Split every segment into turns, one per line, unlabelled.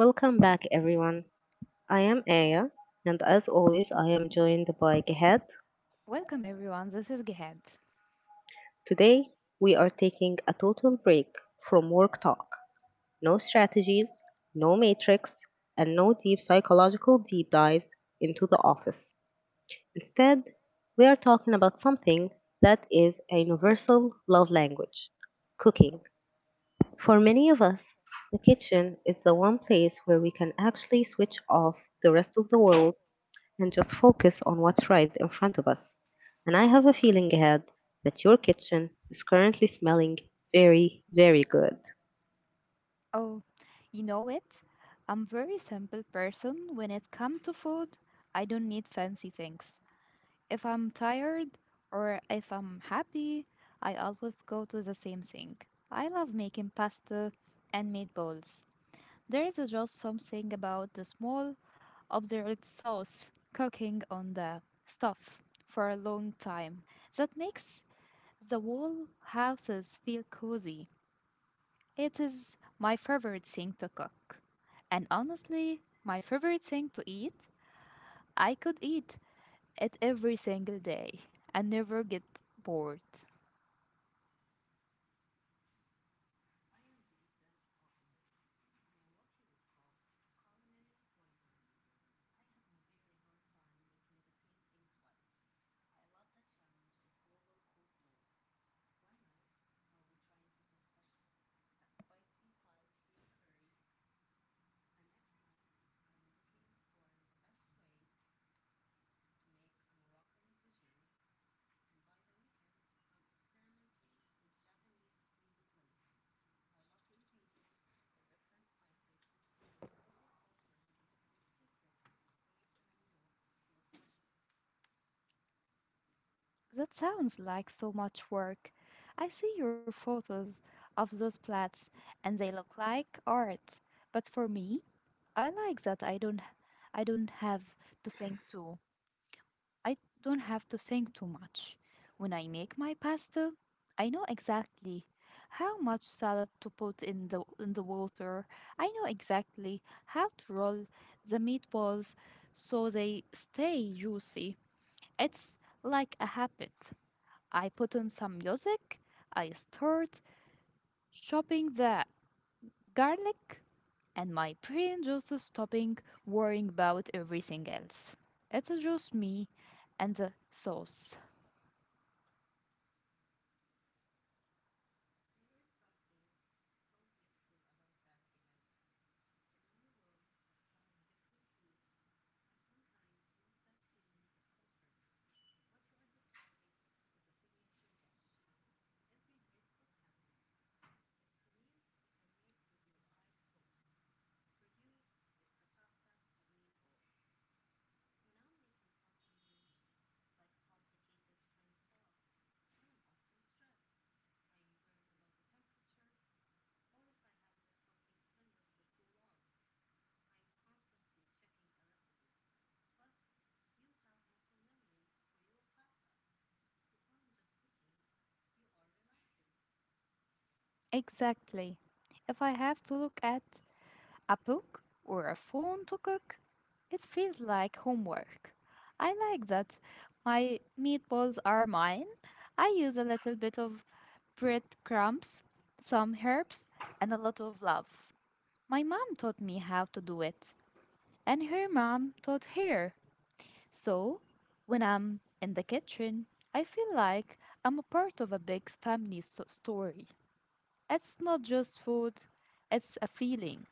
Welcome back, everyone. I am Aya, and as always, I am joined by Gehat.
Welcome everyone, this is Gehad.
Today, we are taking a total break from work talk. No strategies, no matrix, and no deep psychological deep dives into the office. Instead, we are talking about something that is a universal love language: cooking. For many of us, the kitchen is the one place where we can actually switch off the rest of the world and just focus on what's right in front of us. And I have a feeling ahead that your kitchen is currently smelling very, very good.
Oh, you know it? I'm very simple person when it comes to food. I don't need fancy things. If I'm tired or if I'm happy, I always go to the same thing. I love making pasta and meatballs. There is just something about the small obdurate sauce cooking on the stuff for a long time that makes the whole houses feel cozy. It is my favorite thing to cook. And honestly, my favorite thing to eat, I could eat it every single day and never get bored. That sounds like so much work. I see your photos of those plates and they look like art. But for me, I like that I don't have to think too I don't have to think too much. When I make my pasta, I know exactly how much salad to put in the water. I know exactly how to roll the meatballs so they stay juicy. It's like a habit. I put on some music, I start chopping the garlic, and my brain just stopping worrying about everything else. It's just me and the sauce. Exactly. If I have to look at a book or a phone to cook, it feels like homework. I like that. My meatballs are mine. I use a little bit of breadcrumbs, some herbs, and a lot of love. My mom taught me how to do it, and her mom taught her. So, when I'm in the kitchen, I feel like I'm a part of a big family story. It's not just food, it's a feeling.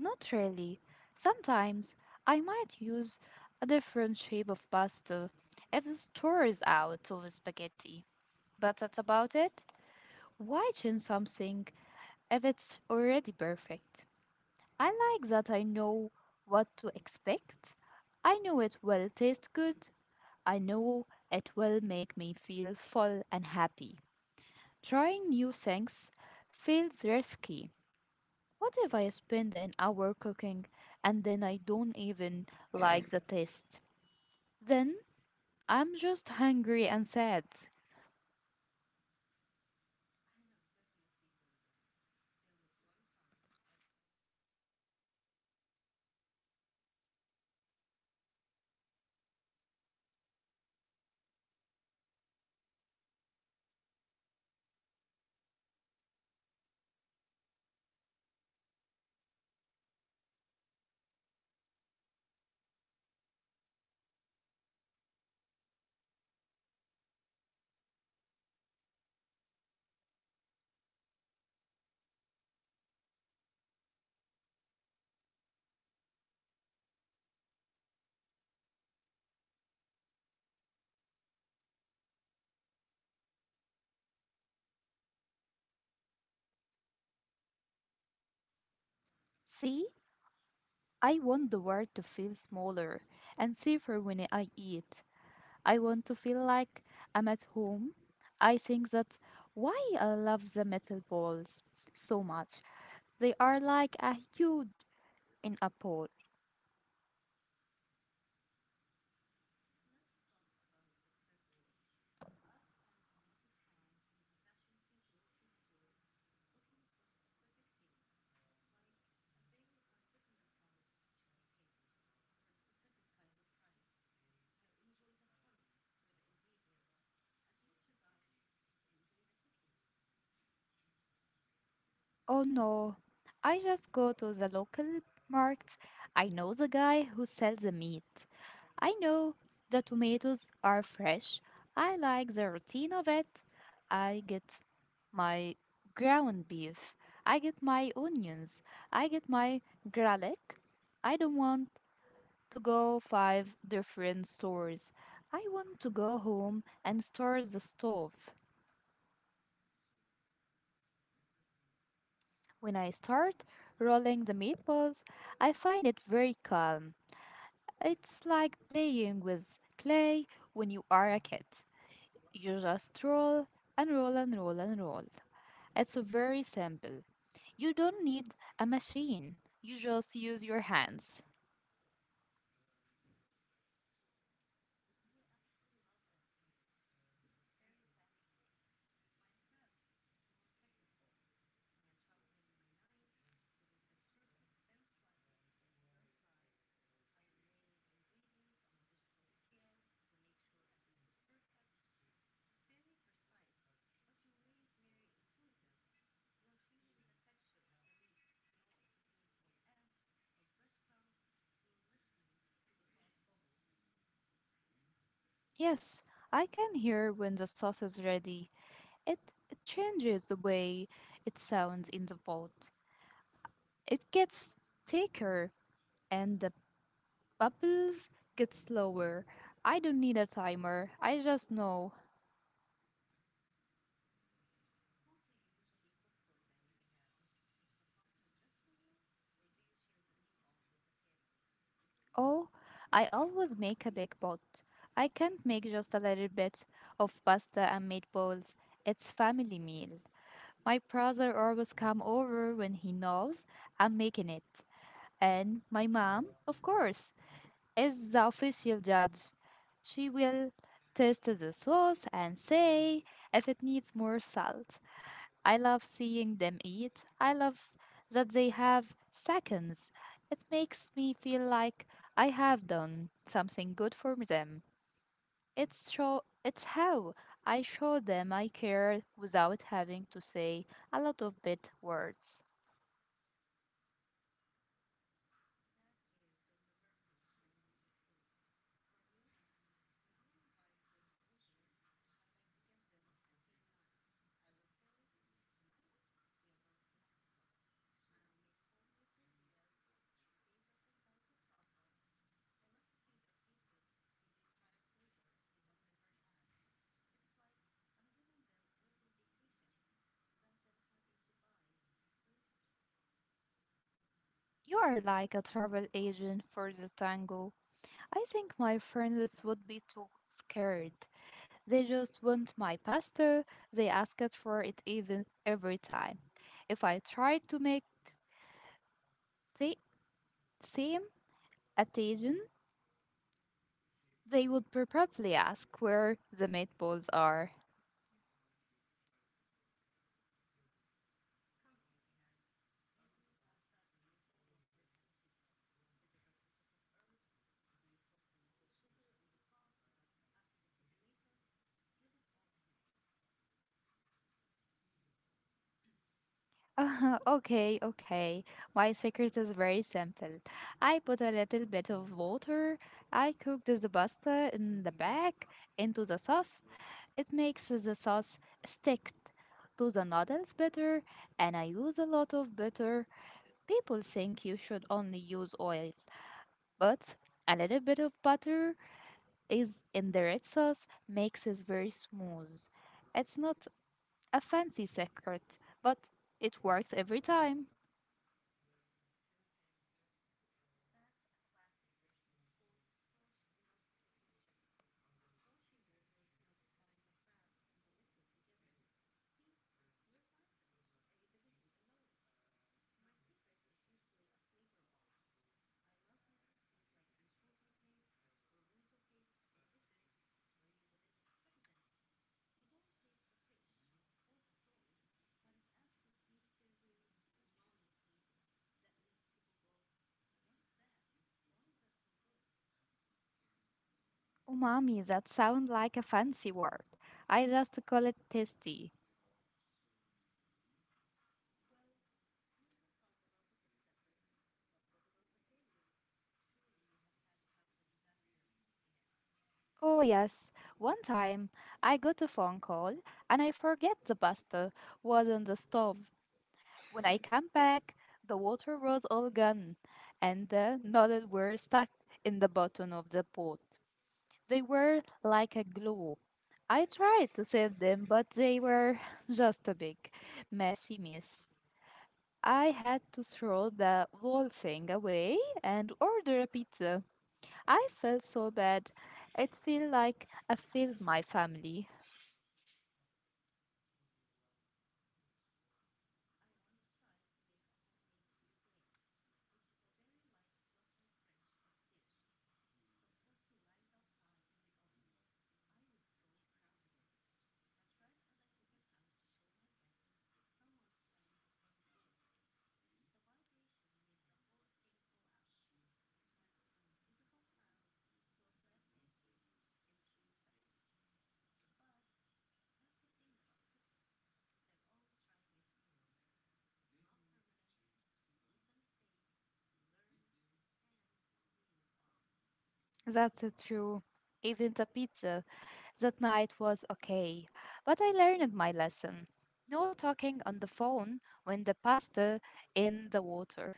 Not really. Sometimes I might use a different shape of pasta if the store is out of spaghetti, but that's about it. Why change something if it's already perfect? I like that I know what to expect. I know it will taste good. I know it will make me feel full and happy. Trying new things feels risky. What if I spend an hour cooking and then I don't even like the taste? Then I'm just hungry and sad. See, I want the world to feel smaller and safer when I eat. I want to feel like I'm at home. I think that why I love the metal balls so much. They are like a huge in a bowl. Oh no, I just go to the local market. I know the guy who sells the meat. I know the tomatoes are fresh. I like the routine of it. I get my ground beef. I get my onions. I get my garlic. I don't want to go five different stores. I want to go home and start the stove. When I start rolling the meatballs, I find it very calm. It's like playing with clay when you are a kid. You just roll and roll and roll and roll. It's very simple. You don't need a machine. You just use your hands. Yes, I can hear when the sauce is ready. It it changes the way it sounds in the pot. It gets thicker and the bubbles get slower. I don't need a timer. I just know. Oh, I always make a big pot. I can't make just a little bit of pasta and meatballs. It's family meal. My brother always come over when he knows I'm making it. And my mom, of course, is the official judge. She will taste the sauce and say if it needs more salt. I love seeing them eat. I love that they have seconds. It makes me feel like I have done something good for them. It's how I show them I care without having to say a lot of big words. You are like a travel agent for the tango. I think my friends would be too scared. They just want my pasta. They ask it for it even every time. If I try to make they same attention. They would probably ask where the meatballs are. Okay, okay. My secret is very simple. I put a little bit of water. I cook the pasta in the back into the sauce. It makes the sauce stick to the noodles better, and I use a lot of butter. People think you should only use oil, but a little bit of butter is in the red sauce makes it very smooth. It's not a fancy secret, but it works every time. Umami, that sounds like a fancy word. I just call it tasty. Oh yes, one time I got a phone call and I forget the pasta was on the stove. When I come back, the water was all gone and the noodles were stuck in the bottom of the pot. They were like a glue. I tried to save them, but they were just a big, messy mess. I had to throw the whole thing away and order a pizza. I felt so bad. It felt like I failed my family. That's true. Even the pizza that night was okay, but I learned my lesson. No talking on the phone when the pasta in the water.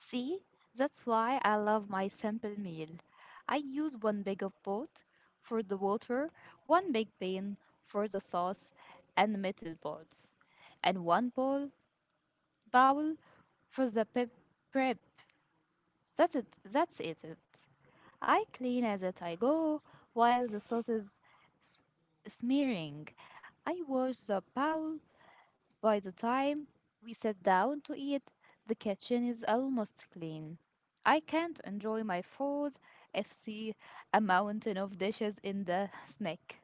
See, that's why I love my simple meal. I use one big of both for the water, one big pan for the sauce and metal balls, and one bowl for the pep prep. That's it. That's it. I clean as it I go while the sauce is smearing. I wash the bowl. By the time we sit down to eat, the kitchen is almost clean. I can't enjoy my food if see a mountain of dishes in the snack.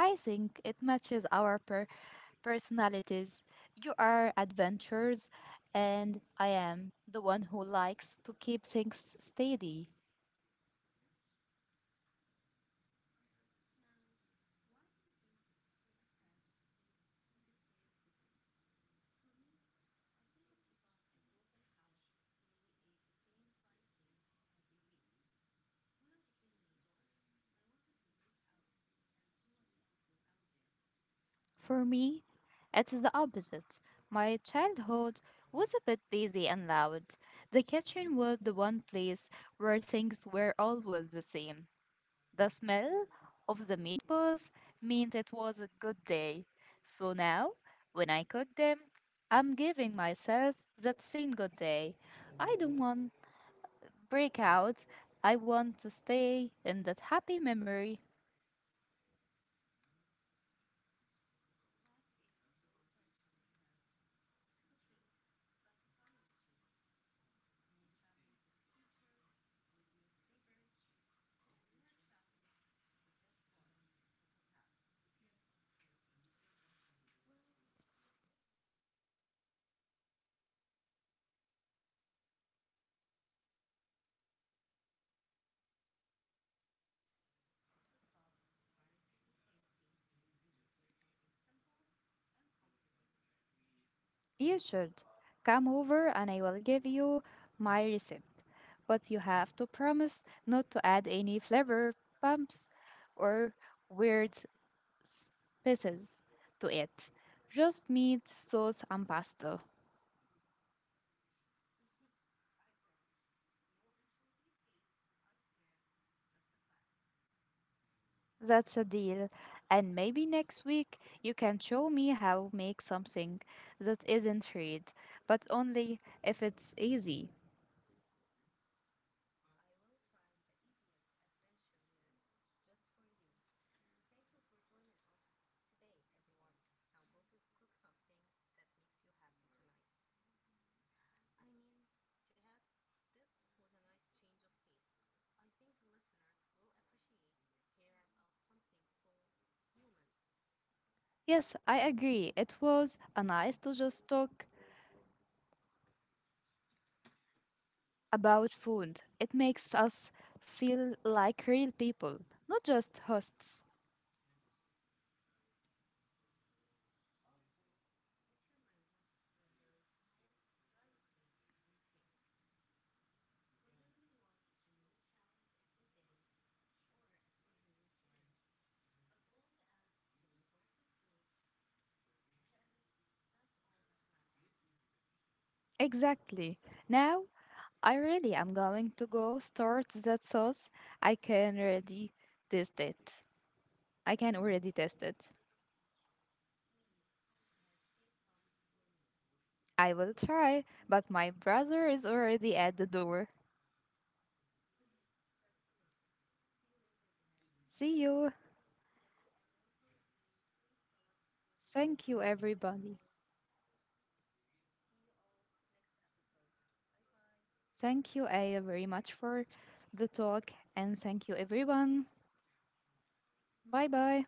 I think it matches our personalities. You are adventurous, and I am the one who likes to keep things steady. For me, it is the opposite. My childhood was a bit busy and loud. The kitchen was the one place where things were always the same. The smell of the meatballs meant it was a good day. So now, when I cook them, I'm giving myself that same good day. I don't want breakout. I want to stay in that happy memory. You should come over and I will give you my recipe. But you have to promise not to add any flavor bumps or weird spices to it. Just meat, sauce, and pasta. That's a deal. And maybe next week you can show me how make something that isn't fried, but only if it's easy. Yes, I agree. It was a nice to just talk about food. It makes us feel like real people, not just hosts. Exactly. Now I really am going to go start that sauce. I can already taste it. I can already taste it. I will try, but my brother is already at the door. See you. Thank you, everybody. Thank you, Aya, very much for the talk, and thank you, everyone. Bye bye.